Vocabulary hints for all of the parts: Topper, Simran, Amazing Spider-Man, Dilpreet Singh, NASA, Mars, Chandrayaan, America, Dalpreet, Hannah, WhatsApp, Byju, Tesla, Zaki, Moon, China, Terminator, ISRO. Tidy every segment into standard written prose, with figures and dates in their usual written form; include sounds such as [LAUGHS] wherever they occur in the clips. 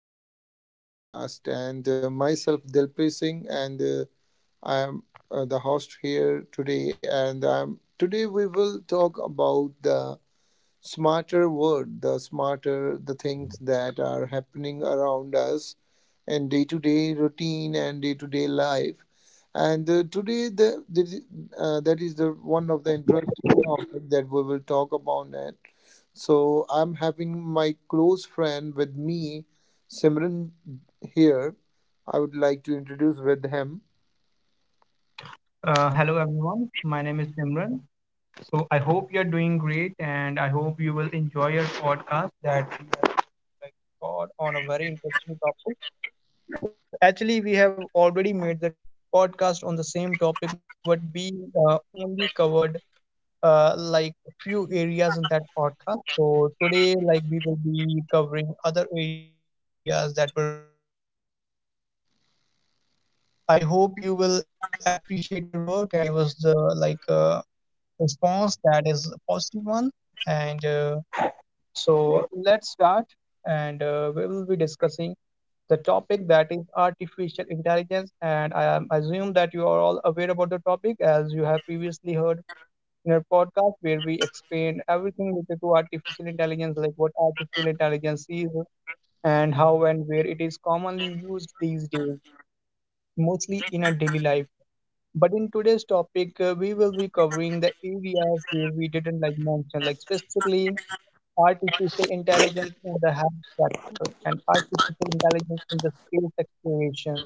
Welcome to our podcast. And Myself, Dilpreet Singh, and I am the host here today. And Today we will talk about the smarter world, the smarter the things that are happening around us in day to day routine and day to day life. And uh, that is the one of the interesting topic that we will talk about. So I'm having my close friend with me, Simran here. I would like to introduce with him. Hello everyone, my name is Simran. So I hope you're doing great and I hope you will enjoy your podcast that we are going to record on a very interesting topic. Actually, we have already made the podcast on the same topic, but we only covered like few areas in that podcast. So today, like we will be covering other areas that were missing in the podcast. So I hope you will appreciate our work and give us the like uh, response that is a positive one and so let's start and we will be discussing the topic that is artificial intelligence and assume that you are all aware about the topic as you have previously heard in our podcast where we explain everything related to artificial intelligence like what artificial intelligence is, and how and where it is commonly used these days, mostly in our daily life. But in today's topic, we will be covering the areas where we didn't like mention, like specifically artificial intelligence in the health sector and artificial intelligence in the space exploration.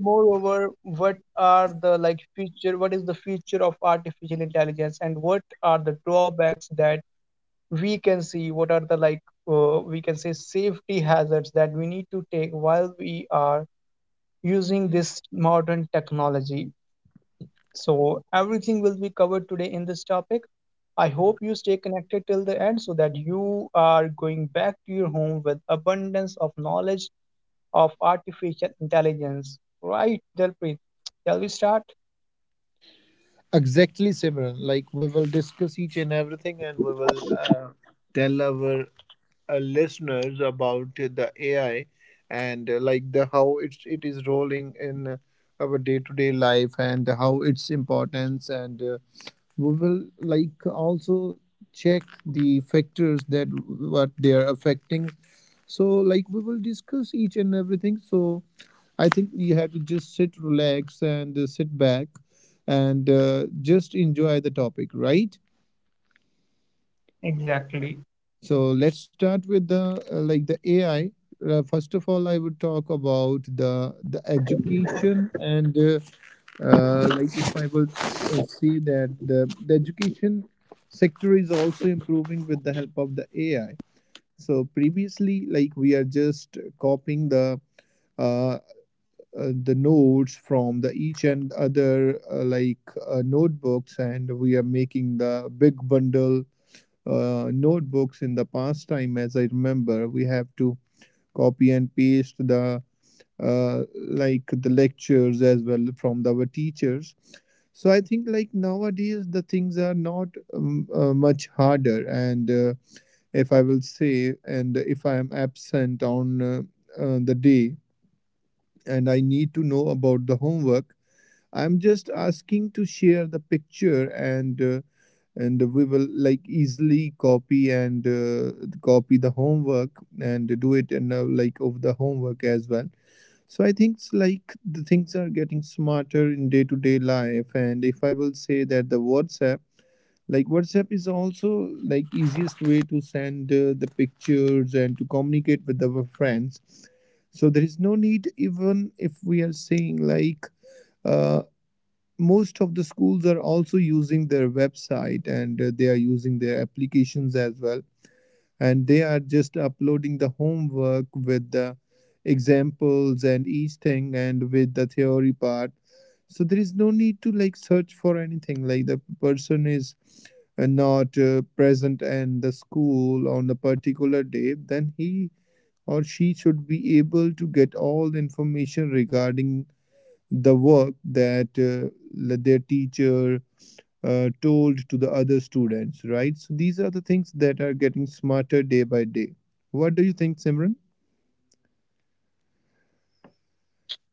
Moreover, what are the like future? What is the future of artificial intelligence, and what are the drawbacks that we can see? What are the we can say safety hazards that we need to take while we are using this modern technology? So, everything will be covered today in this topic. I hope you stay connected till the end so that you are going back to your home with abundance of knowledge of artificial intelligence. Right, Dalpreet? Shall we start? Exactly, Simran. Like we will discuss each and everything, and we will tell our listeners about the AI and like the how it is rolling in our day to day life and how its importance, and we will like also check the factors that what they are affecting. So like we will discuss each and everything. So I think you have to just sit, relax, and sit back and just enjoy the topic, right? Exactly. So let's start with the like the AI. First of all, I would talk about the education, and like if I would see that the education sector is also improving with the help of the AI. So previously, like we are just copying uh, the notes from the each and other notebooks, and we are making the big bundle notebooks in the past time. As I remember, we have to copy and paste the uh, like the lectures as well from the, our teachers. So I think like nowadays the things are not much harder, and if I will say and if I am absent on the day and I need to know about the homework, I'm just asking to share the picture, and we will like easily copy and copy the homework and do it, and like of the homework as well. So I think it's like the things are getting smarter in day to day life. And if I will say that the WhatsApp, like WhatsApp is also like easiest way to send the pictures and to communicate with our friends. So there is no need even if we are saying like. uh, Most of the schools are also using their website, and they are using their applications as well, and they are just uploading the homework with the examples and each thing and with the theory part. So there is no need to like search for anything. Like the person is not present in the school on a particular day, then he or she should be able to get all the information regarding the work that their teacher told to the other students, right? So these are the things that are getting smarter day by day. What do you think, Simran?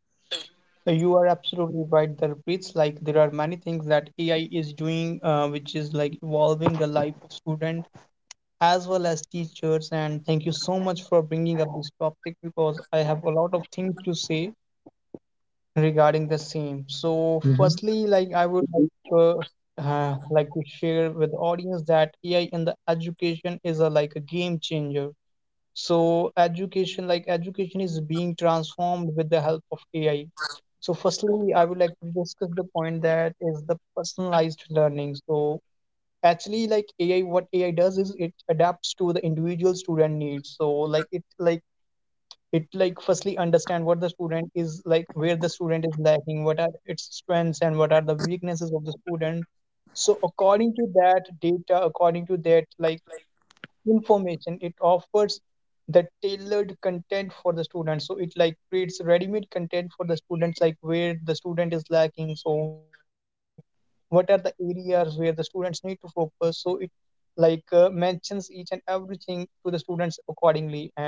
You are absolutely right, Dalpreet. Like there are many things that AI is doing, which is like evolving the life of student as well as teachers. And thank you so much for bringing up this topic because I have a lot of things to say regarding the same. So, Hmm. firstly, I would like to share with audience that AI in the education is a like a game changer. So, education is being transformed with the help of AI. So, firstly, I would like to discuss the point that is the personalized learning. So, actually, like AI, what AI does is it adapts to the individual student needs. So, like it firstly understand what the student is, like where the student is lacking, what are its strengths and what are the weaknesses of the student. So according to that data, according to that like information, it offers the tailored content for the student. So it like creates ready-made content for the students, like where the student is lacking. So what are the areas where the students need to focus? So it like mentions each and everything to the students accordingly. And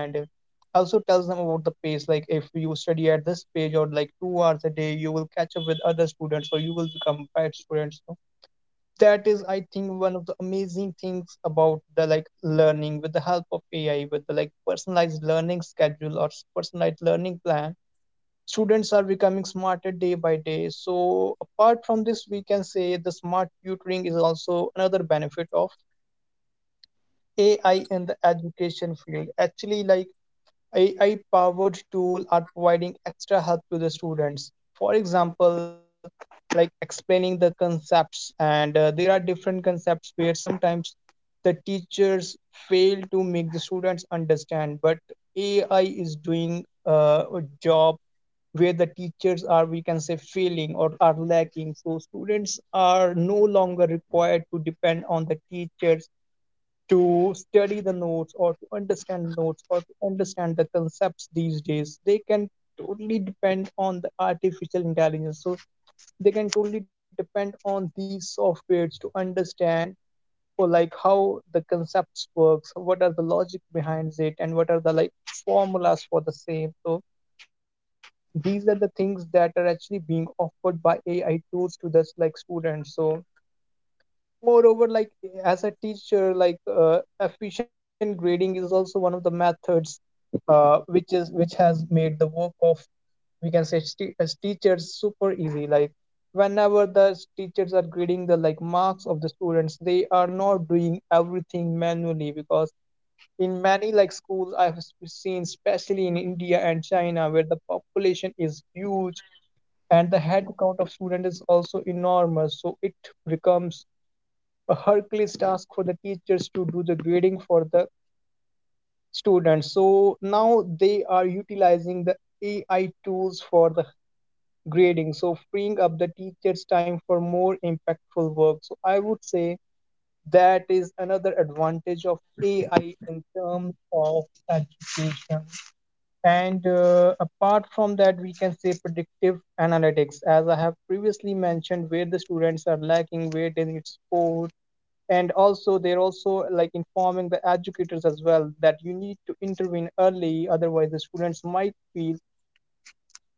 also tells them about the pace, like if you study at this page or like 2 hours a day, you will catch up with other students or you will become bad students. So that is, I think, one of the amazing things about the like learning with the help of AI. With the like personalized learning schedule or personalized learning plan, students are becoming smarter day by day. So apart from this, we can say the smart tutoring is also another benefit of AI in the education field. Actually, like AI powered tool are providing extra help to the students. For example, like explaining the concepts, and there are different concepts where sometimes the teachers fail to make the students understand, but AI is doing a job where the teachers are, we can say, failing or are lacking. So students are no longer required to depend on the teachers to study the notes or to understand notes or to understand the concepts. These days they can totally depend on the artificial intelligence. So they can totally depend on these softwares to understand or like how the concepts works, what are the logic behind it, and what are the like formulas for the same. So these are the things that are actually being offered by AI tools to this like students. So moreover, like as a teacher, like efficient grading is also one of the methods which has made the work of, we can say, as teachers super easy. Like whenever the teachers are grading the like marks of the students, they are not doing everything manually because in many like schools I have seen, especially in India and China where the population is huge and the head count of students is also enormous, so it becomes a Hercules task for the teachers to do the grading for the students. So now they are utilizing the AI tools for the grading, so freeing up the teachers' time for more impactful work. So I would say that is another advantage of AI in terms of education. And apart from that, we can say predictive analytics, as I have previously mentioned, where the students are lacking, where they need support, and also they're also like informing the educators as well that you need to intervene early, otherwise the students might feel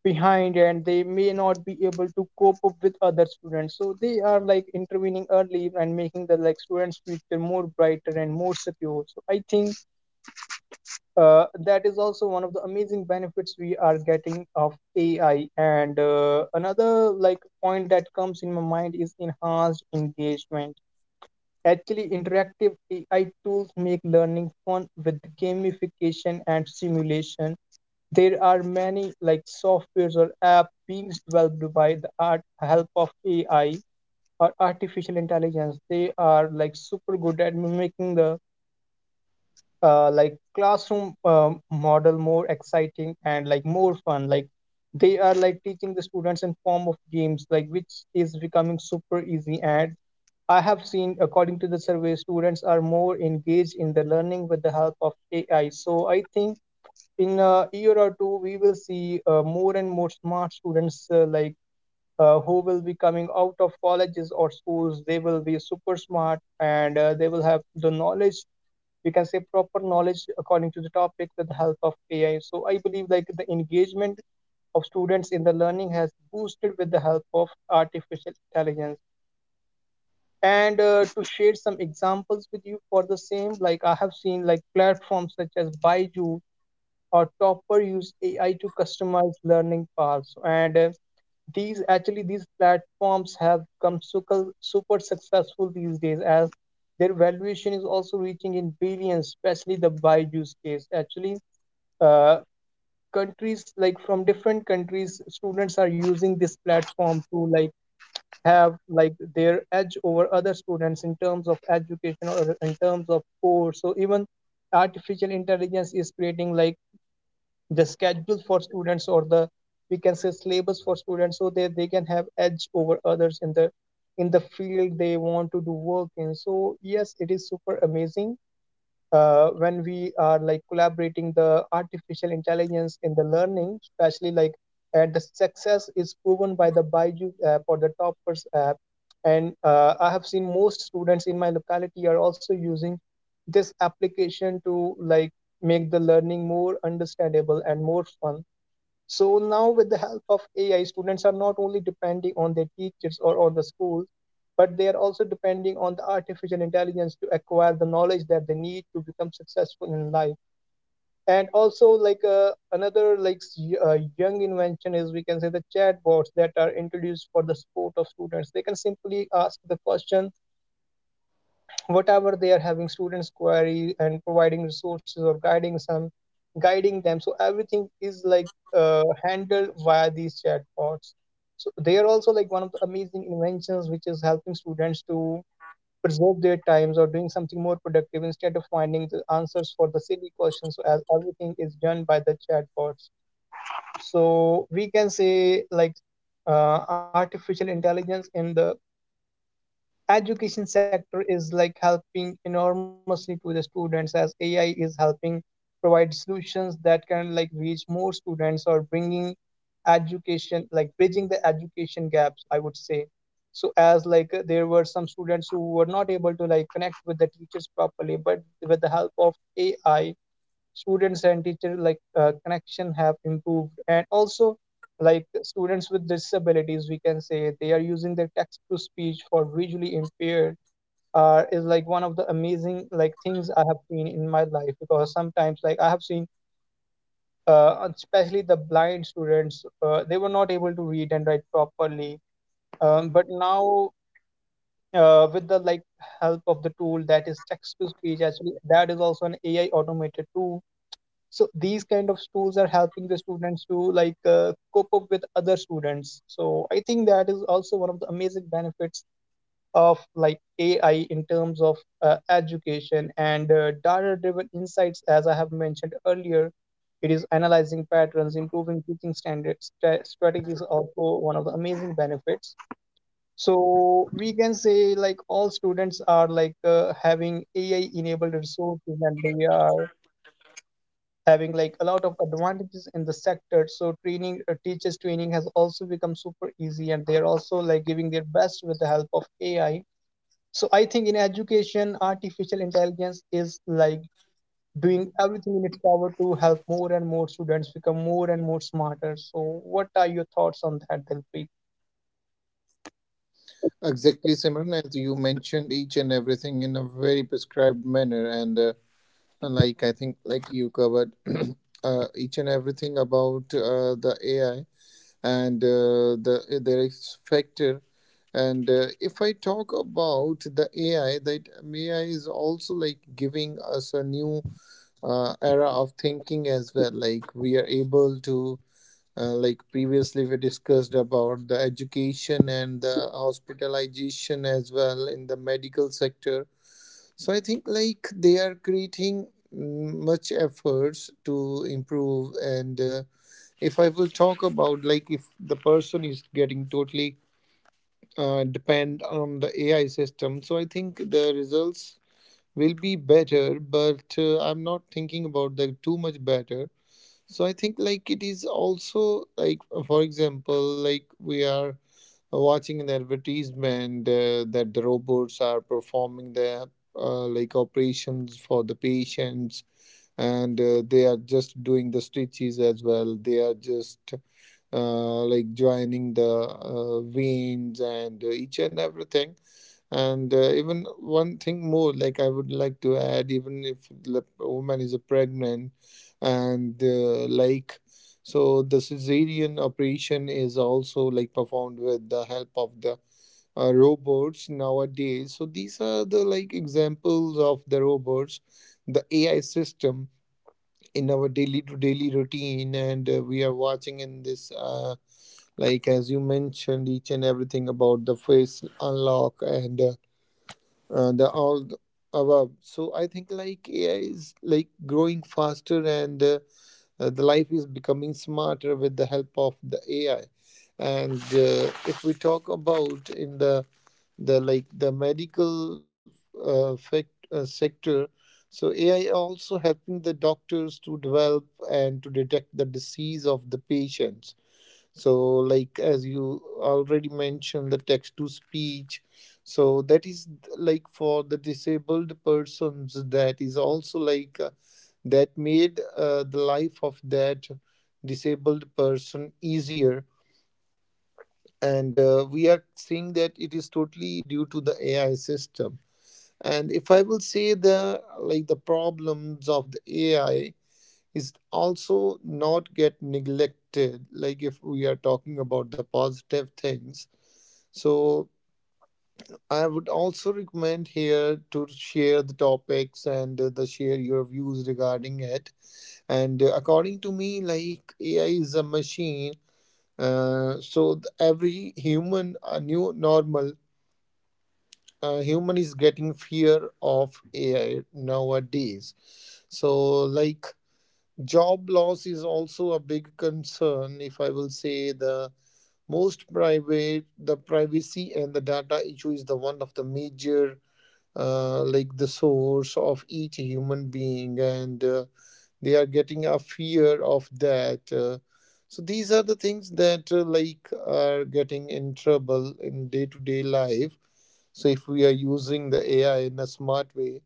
behind and they may not be able to cope up with other students. So they are like intervening early and making the like students future more brighter and more secure. So I think that is also one of the amazing benefits we are getting of AI. And another like point that comes in my mind is enhanced engagement. Actually, interactive AI tools make learning fun with gamification and simulation. There are many like softwares or apps being developed by the art help of AI or artificial intelligence. They are like super good at mimicking the like classroom model more exciting and like more fun. Like they are like teaching the students in form of games, like which is becoming super easy. And I have seen, according to the survey, students are more engaged in the learning with the help of AI. So I think in a year or two we will see more and more smart students, who will be coming out of colleges or schools. They will be super smart, and they will have the knowledge, we can say proper knowledge, according to the topic with the help of AI. So I believe like the engagement of students in the learning has boosted with the help of artificial intelligence. And to share some examples with you for the same, like I have seen like platforms such as Byju or Topper use AI to customize learning paths. And these platforms have become super super successful these days as their valuation is also reaching in billions, especially the Byju's case. Actually uh, countries like from different countries, students are using this platform to like have like their edge over other students in terms of education or in terms of course. So even artificial intelligence is creating like the schedules for students or the, we can say, syllabus for students so that they can have edge over others in the field they want to do work in. So yes, it is super amazing when we are like collaborating the artificial intelligence in the learning, especially the success is proven by the Byju's app or the Toppers app. And I have seen most students in my locality are also using this application to like make the learning more understandable and more fun. So now, with the help of AI, students are not only depending on their teachers or on the schools, but they are also depending on the artificial intelligence to acquire the knowledge that they need to become successful in life. And also, like another like s- y- young invention is, we can say, the chatbots that are introduced for the support of students. They can simply ask the question whatever they are having students query and providing resources or guiding them. So everything is like handled via these chatbots, so they are also like one of the amazing inventions which is helping students to preserve their times or doing something more productive instead of finding the answers for the silly questions, so as everything is done by the chatbots. So we can say like artificial intelligence in the education sector is like helping enormously to the students, as ai is helping provide solutions that can like reach more students or bringing education, like bridging the education gaps I would say. So as like there were some students who were not able to like connect with the teachers properly, but with the help of ai, students and teacher like connection have improved. And also like students with disabilities, we can say they are using their text to speech for visually impaired is like one of the amazing like things I have seen in my life, because sometimes like I have seen, especially the blind students, they were not able to read and write properly. But now, with the like help of the tool that is text to speech, actually that is also an ai automated tool, so these kind of tools are helping the students to like cope up with other students. So I think that is also one of the amazing benefits of like ai in terms of education, and data driven insights, as I have mentioned earlier, it is analyzing patterns, improving teaching standards strategies, also one of the amazing benefits. So we can say like all students are like having ai enabled resources and they are having like a lot of advantages in the sector. So training, teachers training has also become super easy, and they're also like giving their best with the help of ai. So I think in education, artificial intelligence is like doing everything in its power to help more and more students become more and more smarter. So what are your thoughts on that, dilpreet? Exactly, Simran, as you mentioned each and everything in a very prescribed manner, and like I think, like you covered [CLEARS THROAT] each and everything about the AI and the their expector. And if I talk about the AI, that AI is also like giving us a new era of thinking as well. Like we are able to, like previously we discussed about the education and the hospitalization as well in the medical sector. So I think like they are creating much efforts to improve. And. If I will talk about like if the person is getting totally depend on the AI system, so I think the results will be better, but I'm not thinking about that too much better. So I think like it is also like, for example, like we are watching an advertisement that the robots are performing their like operations for the patients, and they are just doing the stitches as well. They are just like joining the veins and each and everything. And even one thing more, like I would like to add, even if the woman is pregnant and like so the cesarean operation is also like performed with the help of the robots nowadays. So these are the like examples of the robots, the AI system in our daily to daily routine, and we are watching in this. Like as you mentioned each and everything about the face unlock and the all the above. So I think like AI is like growing faster, and the life is becoming smarter with the help of the AI. And uh, if we talk about in the like the medical sector, so AI also helping the doctors to develop and to detect the disease of the patients. So like as you already mentioned, the text to speech, so that is like for the disabled persons. That is also like that made the life of that disabled person easier, and we are seeing that it is totally due to the AI system. And if I will say, the like the problems of the AI is also not get neglected. Like if we are talking about the positive things, so I would also recommend here to share the topics and the share your views regarding it. And according to me, like AI is a machine, so every human, a new normal, human is getting fear of AI nowadays. So like job loss is also a big concern. If I will say, the most private, the privacy and the data issue is the one of the major, like the source of each human being, and they are getting a fear of that. So these are the things that like are getting in trouble in day to day life. So if we are using the AI in a smart way,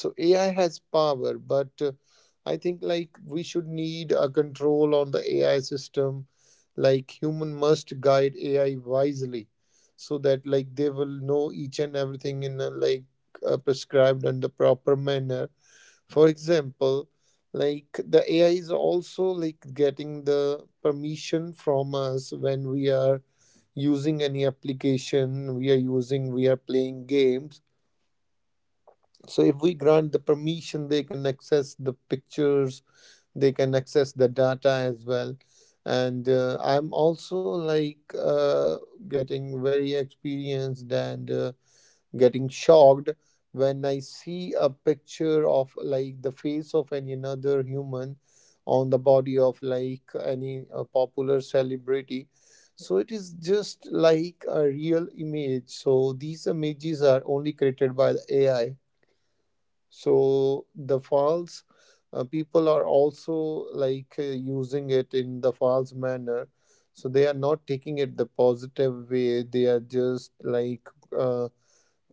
so AI has power, but I think like we should need a control on the AI system. Like human must guide AI wisely so that like they will know each and everything in a like prescribed and the proper manner. For example, like the AI is also like getting the permission from us when we are using any application, we are using, we are playing games. So if we grant the permission, they can access the pictures, they can access the data as well. And I'm also like getting very experienced and getting shocked when I see a picture of like the face of any another human on the body of like any popular celebrity. So it is just like a real image. So these images are only created by the AI. So the falls, people are also like using it in the false manner. So they are not taking it the positive way. They are just like uh,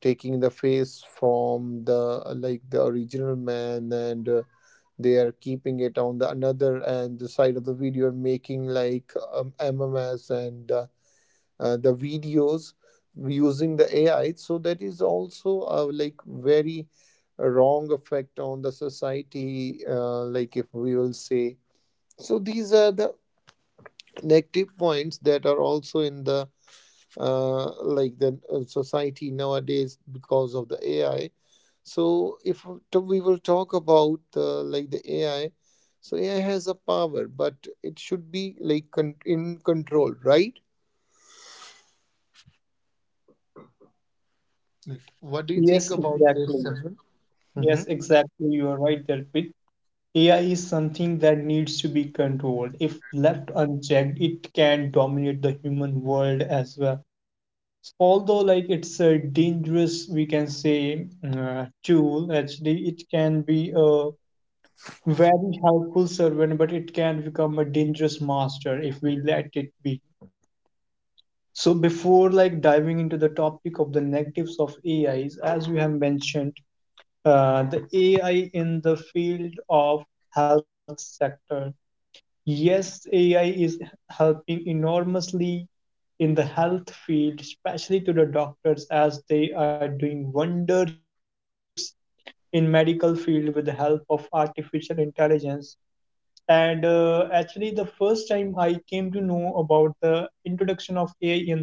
taking the face from the like the original man, and they are keeping it on the another and the side of the video and making like MMS and the videos using the AI. So that is also a like very wrong effect on the society. Like if we will say, so these are the negative points that are also in the society nowadays because of the AI. So if we will talk about like the AI, so AI has a power, but it should be like in control, right? Like, what do you think Yes, about this, exactly. Simran? Mm-hmm. Yes, exactly. You are right, there. AI is something that needs to be controlled. If left unchecked, it can dominate the human world as well. Although, like it's a dangerous, we can say, tool. Actually, it can be a very helpful servant, but it can become a dangerous master if we let it be. So, before like diving into the topic of the negatives of AIs, as we have mentioned, the AI in the field of health sector. Yes, AI is helping enormously in the health field, especially to the doctors as they are doing wonders in medical field with the help of artificial intelligence. And actually, the first time I came to know about the introduction of AI in the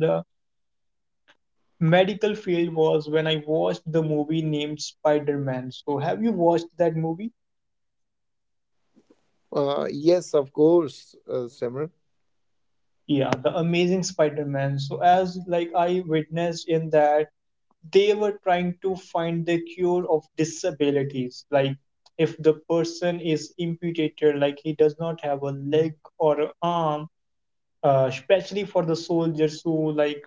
medical field was when I watched the movie named Spider-Man. So, have you watched that movie? Yes, of course, Simran. Yeah, the Amazing Spider-Man. So as like I witnessed in that, they were trying to find the cure of disabilities, like if the person is amputated, like he does not have a leg or a arm, especially for the soldiers who like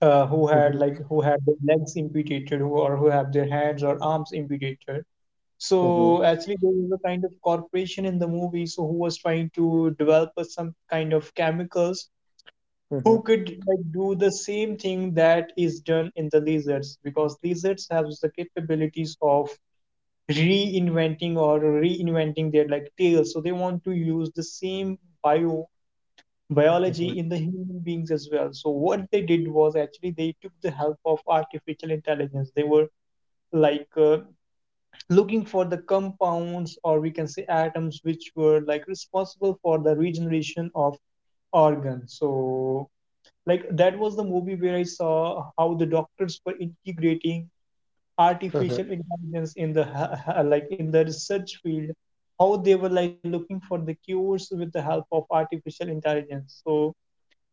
who had like who Mm-hmm. had their legs amputated who, or who have their hands or arms amputated. So Mm-hmm. actually there was a kind of corporation in the movie, so who was trying to develop some kind of chemicals who Mm-hmm. could like do the same thing that is done in the lizards, because lizards have the capabilities of reinventing their like tails. So they want to use the same bio biology in the human beings as well. So what they did was actually they took the help of artificial intelligence. They were like looking for the compounds or we can say atoms which were like responsible for the regeneration of organs. So like that was the movie where I saw how the doctors were integrating artificial Mm-hmm. intelligence in the [LAUGHS] like in the research field, how they were like looking for the cures with the help of artificial intelligence. So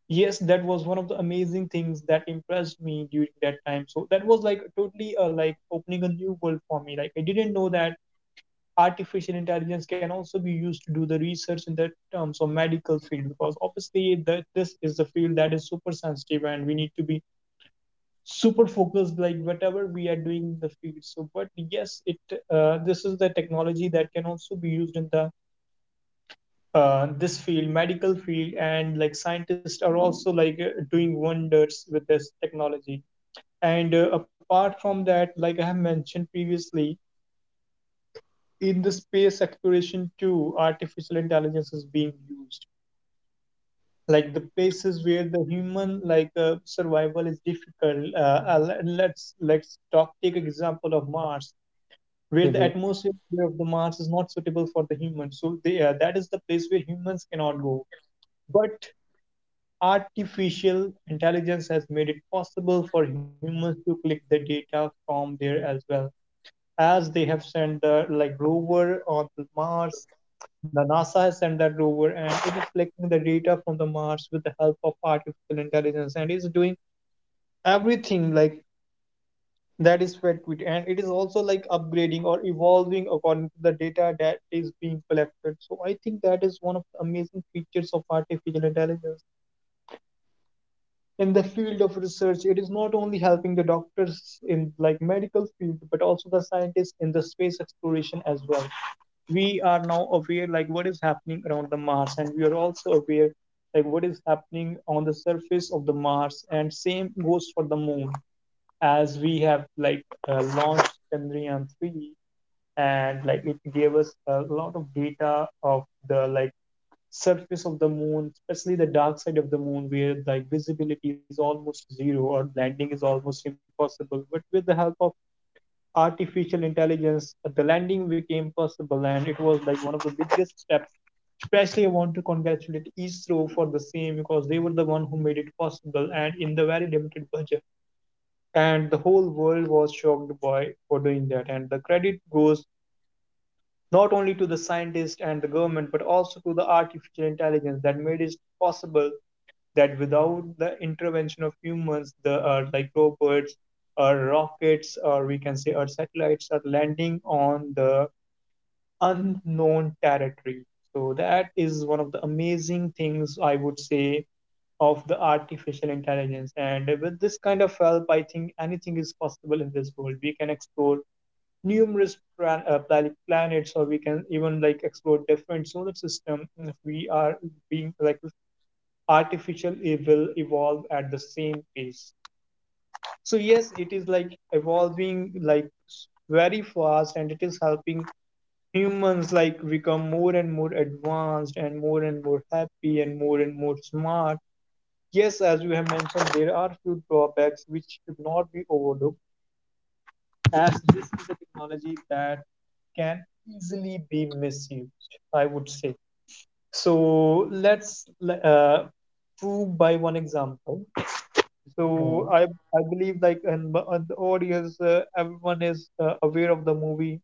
yes, that was one of the amazing things that impressed me during that time. So that was like totally like opening a new world for me, like I didn't know that artificial intelligence can also be used to do the research in the terms of medical field, because obviously that this is the field that is super sensitive and we need to be super focused like whatever we are doing in the field. So but yes, it this is the technology that can also be used in the this field, medical field, and like scientists are also like doing wonders with this technology. And apart from that, like I have mentioned previously, in the space exploration too, artificial intelligence is being used like the places where the human like survival is difficult. Let's talk, take example of mars, where the Mm-hmm. atmosphere of the Mars is not suitable for the humans. So they, that is the place where humans cannot go. But artificial intelligence has made it possible for humans to collect the data from there as well. As they have sent the like rover on Mars, the NASA has sent that rover, and it is collecting the data from the Mars with the help of artificial intelligence and is doing everything like. That is FedQuit, and it is also like upgrading or evolving according to the data that is being collected. So I think that is one of the amazing features of artificial intelligence. In the field of research, it is not only helping the doctors in like medical field, but also the scientists in the space exploration as well. We are now aware like what is happening around the Mars, and we are also aware like what is happening on the surface of the Mars, and same goes for the Moon, as we have like launched Chandrayaan 3, and like it gave us a lot of data of the like surface of the moon, especially the dark side of the moon where like visibility is almost zero or landing is almost impossible. But with the help of artificial intelligence, the landing became possible and it was like one of the biggest steps. Especially, I want to congratulate ISRO for the same because they were the one who made it possible and in the very limited budget, and the whole world was shocked by for doing that, and the credit goes not only to the scientists and the government but also to the artificial intelligence that made it possible, that without the intervention of humans the like robots or rockets or we can say our satellites are landing on the unknown territory. So that is one of the amazing things I would say of the artificial intelligence. And with this kind of help, I think anything is possible in this world. We can explore planets, or we can even like explore different solar system. And if we are being like artificial, it will evolve at the same pace. So yes, it is like evolving like very fast, and it is helping humans like become more and more advanced and more happy and more smart. Yes, as you have mentioned, there are few drawbacks which should not be overlooked, as this is a technology that can easily be misused, I would say. So let's uh, prove by one example. So I Mm-hmm. I believe like and the audience, everyone is aware of the movie.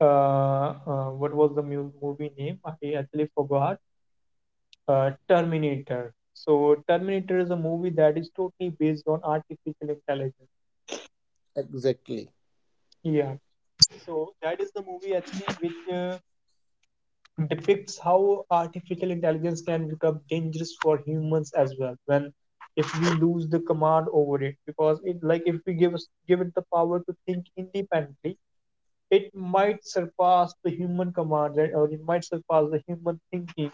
What was the movie name? I actually forgot. Terminator. So Terminator is a movie that is totally based on artificial intelligence. Exactly. Yeah. So that is the movie actually which depicts how artificial intelligence can become dangerous for humans as well when if we lose the command over it, because it like if we give it the power to think independently, it might surpass the human command and- or it might surpass the human thinking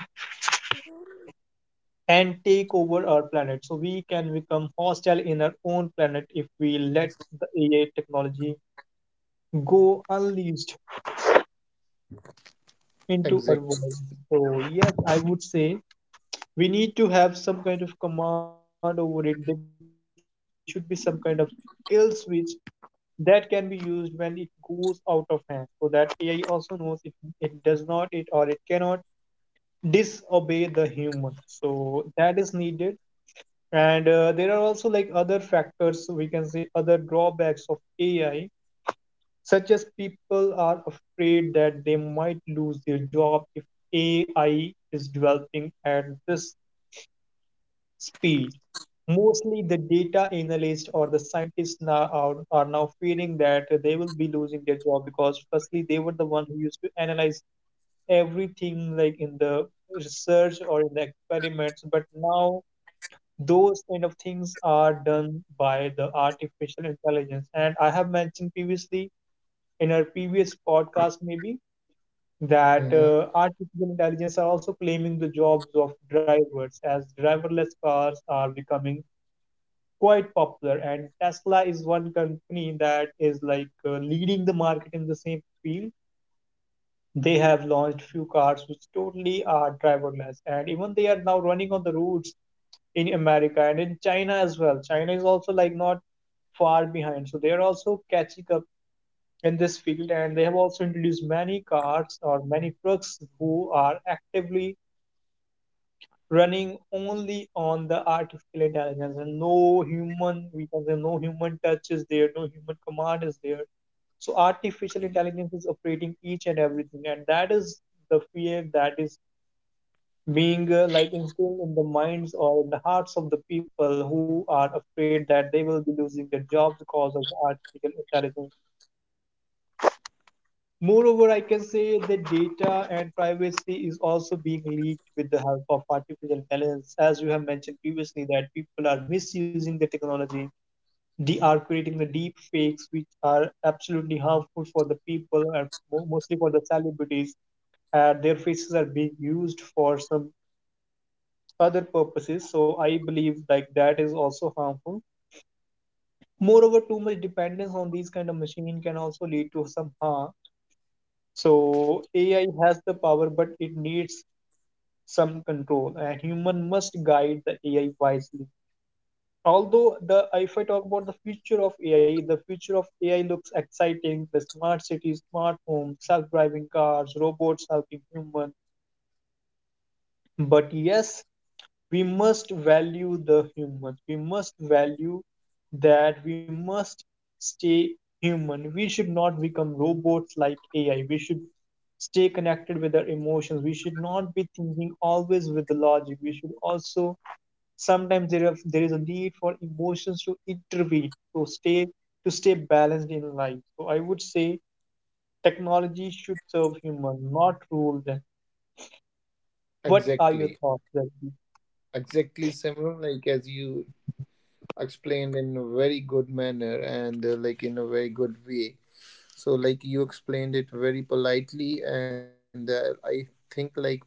and take over our planet. So we can become hostile in our own planet if we let the AI technology go unleashed into our Exactly. world. So yes, I would say we need to have some kind of command over it. There should be some kind of kill switch that can be used when it goes out of hand, so that AI also knows it, it does not it or it cannot disobey the human. So that is needed. And there are also like other factors, we can say other drawbacks of AI, such as people are afraid that they might lose their job if AI is developing at this speed. Mostly the data analyst or the scientists now are now feeling that they will be losing their job, because firstly they were the one who used to analyze everything like in the research or in the experiments, but now those kind of things are done by the artificial intelligence. And I have mentioned previously in our previous podcast maybe, that Mm-hmm. Artificial intelligence are also claiming the jobs of drivers, as driverless cars are becoming quite popular, and tesla is one company that is like leading the market in the same field. They have launched few cars which totally are driverless, and even they are now running on the roads in America and in China as well. China is also like not far behind, so they are also catching up in this field, and they have also introduced many cars or many trucks who are actively running only on the artificial intelligence, and no human, we can say no human touch is there, no human command is there. So artificial intelligence is operating each and everything, and that is the fear that is being like instilled in the minds or in the hearts of the people who are afraid that they will be losing their job because of the artificial intelligence. Moreover, I can say that data and privacy is also being leaked with the help of artificial intelligence. As you have mentioned previously, that people are misusing the technology. They are creating the deep fakes, which are absolutely harmful for the people and mostly for the celebrities. Their faces are being used for some other purposes, so I believe like that is also harmful. Moreover, too much dependence on these kind of machine can also lead to some harm. So ai has the power, but it needs some control, and human must guide the ai wisely. Although the, if I talk about the future of ai, the future of ai looks exciting, the smart cities, smart homes, self-driving cars, robots helping humans. But yes, we must value the humans, we must value that, we must stay human, we should not become robots like ai, we should stay connected with our emotions, we should not be thinking always with the logic, we should also sometimes there is a need for emotions to intervene, so stay balanced in life. So I would say technology should serve human, not rule them. What are your Exactly. thoughts, Zaki? Exactly, Simran. Like as you explained in a very good manner and like in a very good way. So like you explained it very politely, and I think like my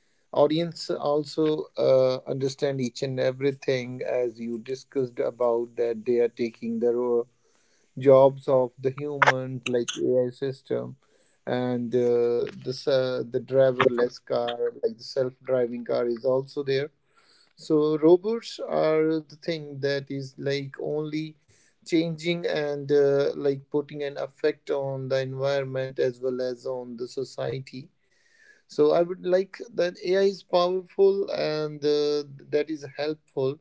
audience also understand each and everything as you discussed about that they are taking the role jobs of the human like AI system, and the driverless car like the self driving car is also there. So robots are the thing that is like only changing and like putting an effect on the environment as well as on the society. So I would like that AI is powerful, and that is helpful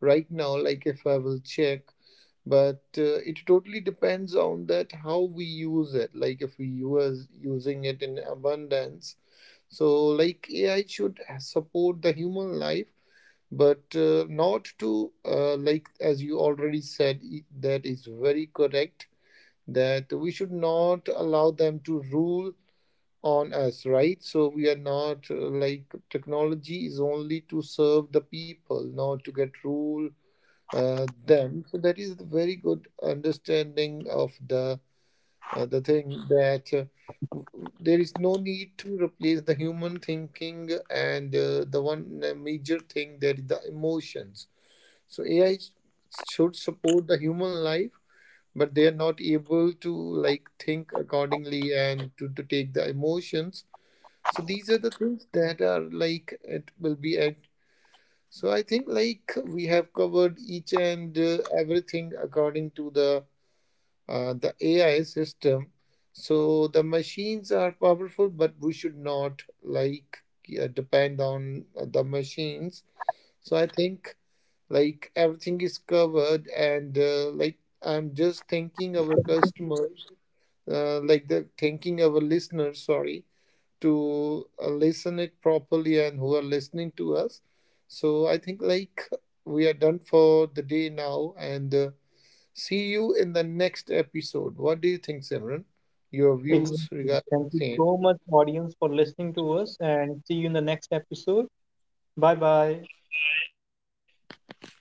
right now. Like if I will check, but it totally depends on that how we use it. Like if we use using it in abundance, so like AI should support the human life, but not to like as you already said, that is very correct, that we should not allow them to rule on us, right? So we are not like technology is only to serve the people, not to get rule them. So that is the very good understanding of the thing that there is no need to replace the human thinking, and the one major thing that is the emotions. So AI should support the human life. But they are not able to like think accordingly and to take the emotions. So these are the things that are like it will be at. So I think like we have covered each and everything according to the AI system. So the machines are powerful, but we should not like, yeah, depend on the machines. So I think like everything is covered, and like I'm just thanking our customers, like the thanking our listeners. Sorry to listen it properly and who are listening to us. So I think like we are done for the day now, and see you in the next episode. What do you think, Simran? Your views Exactly. regarding Thank the you same. so much, audience, for listening to us, and see you in the next episode. Bye bye. Bye bye.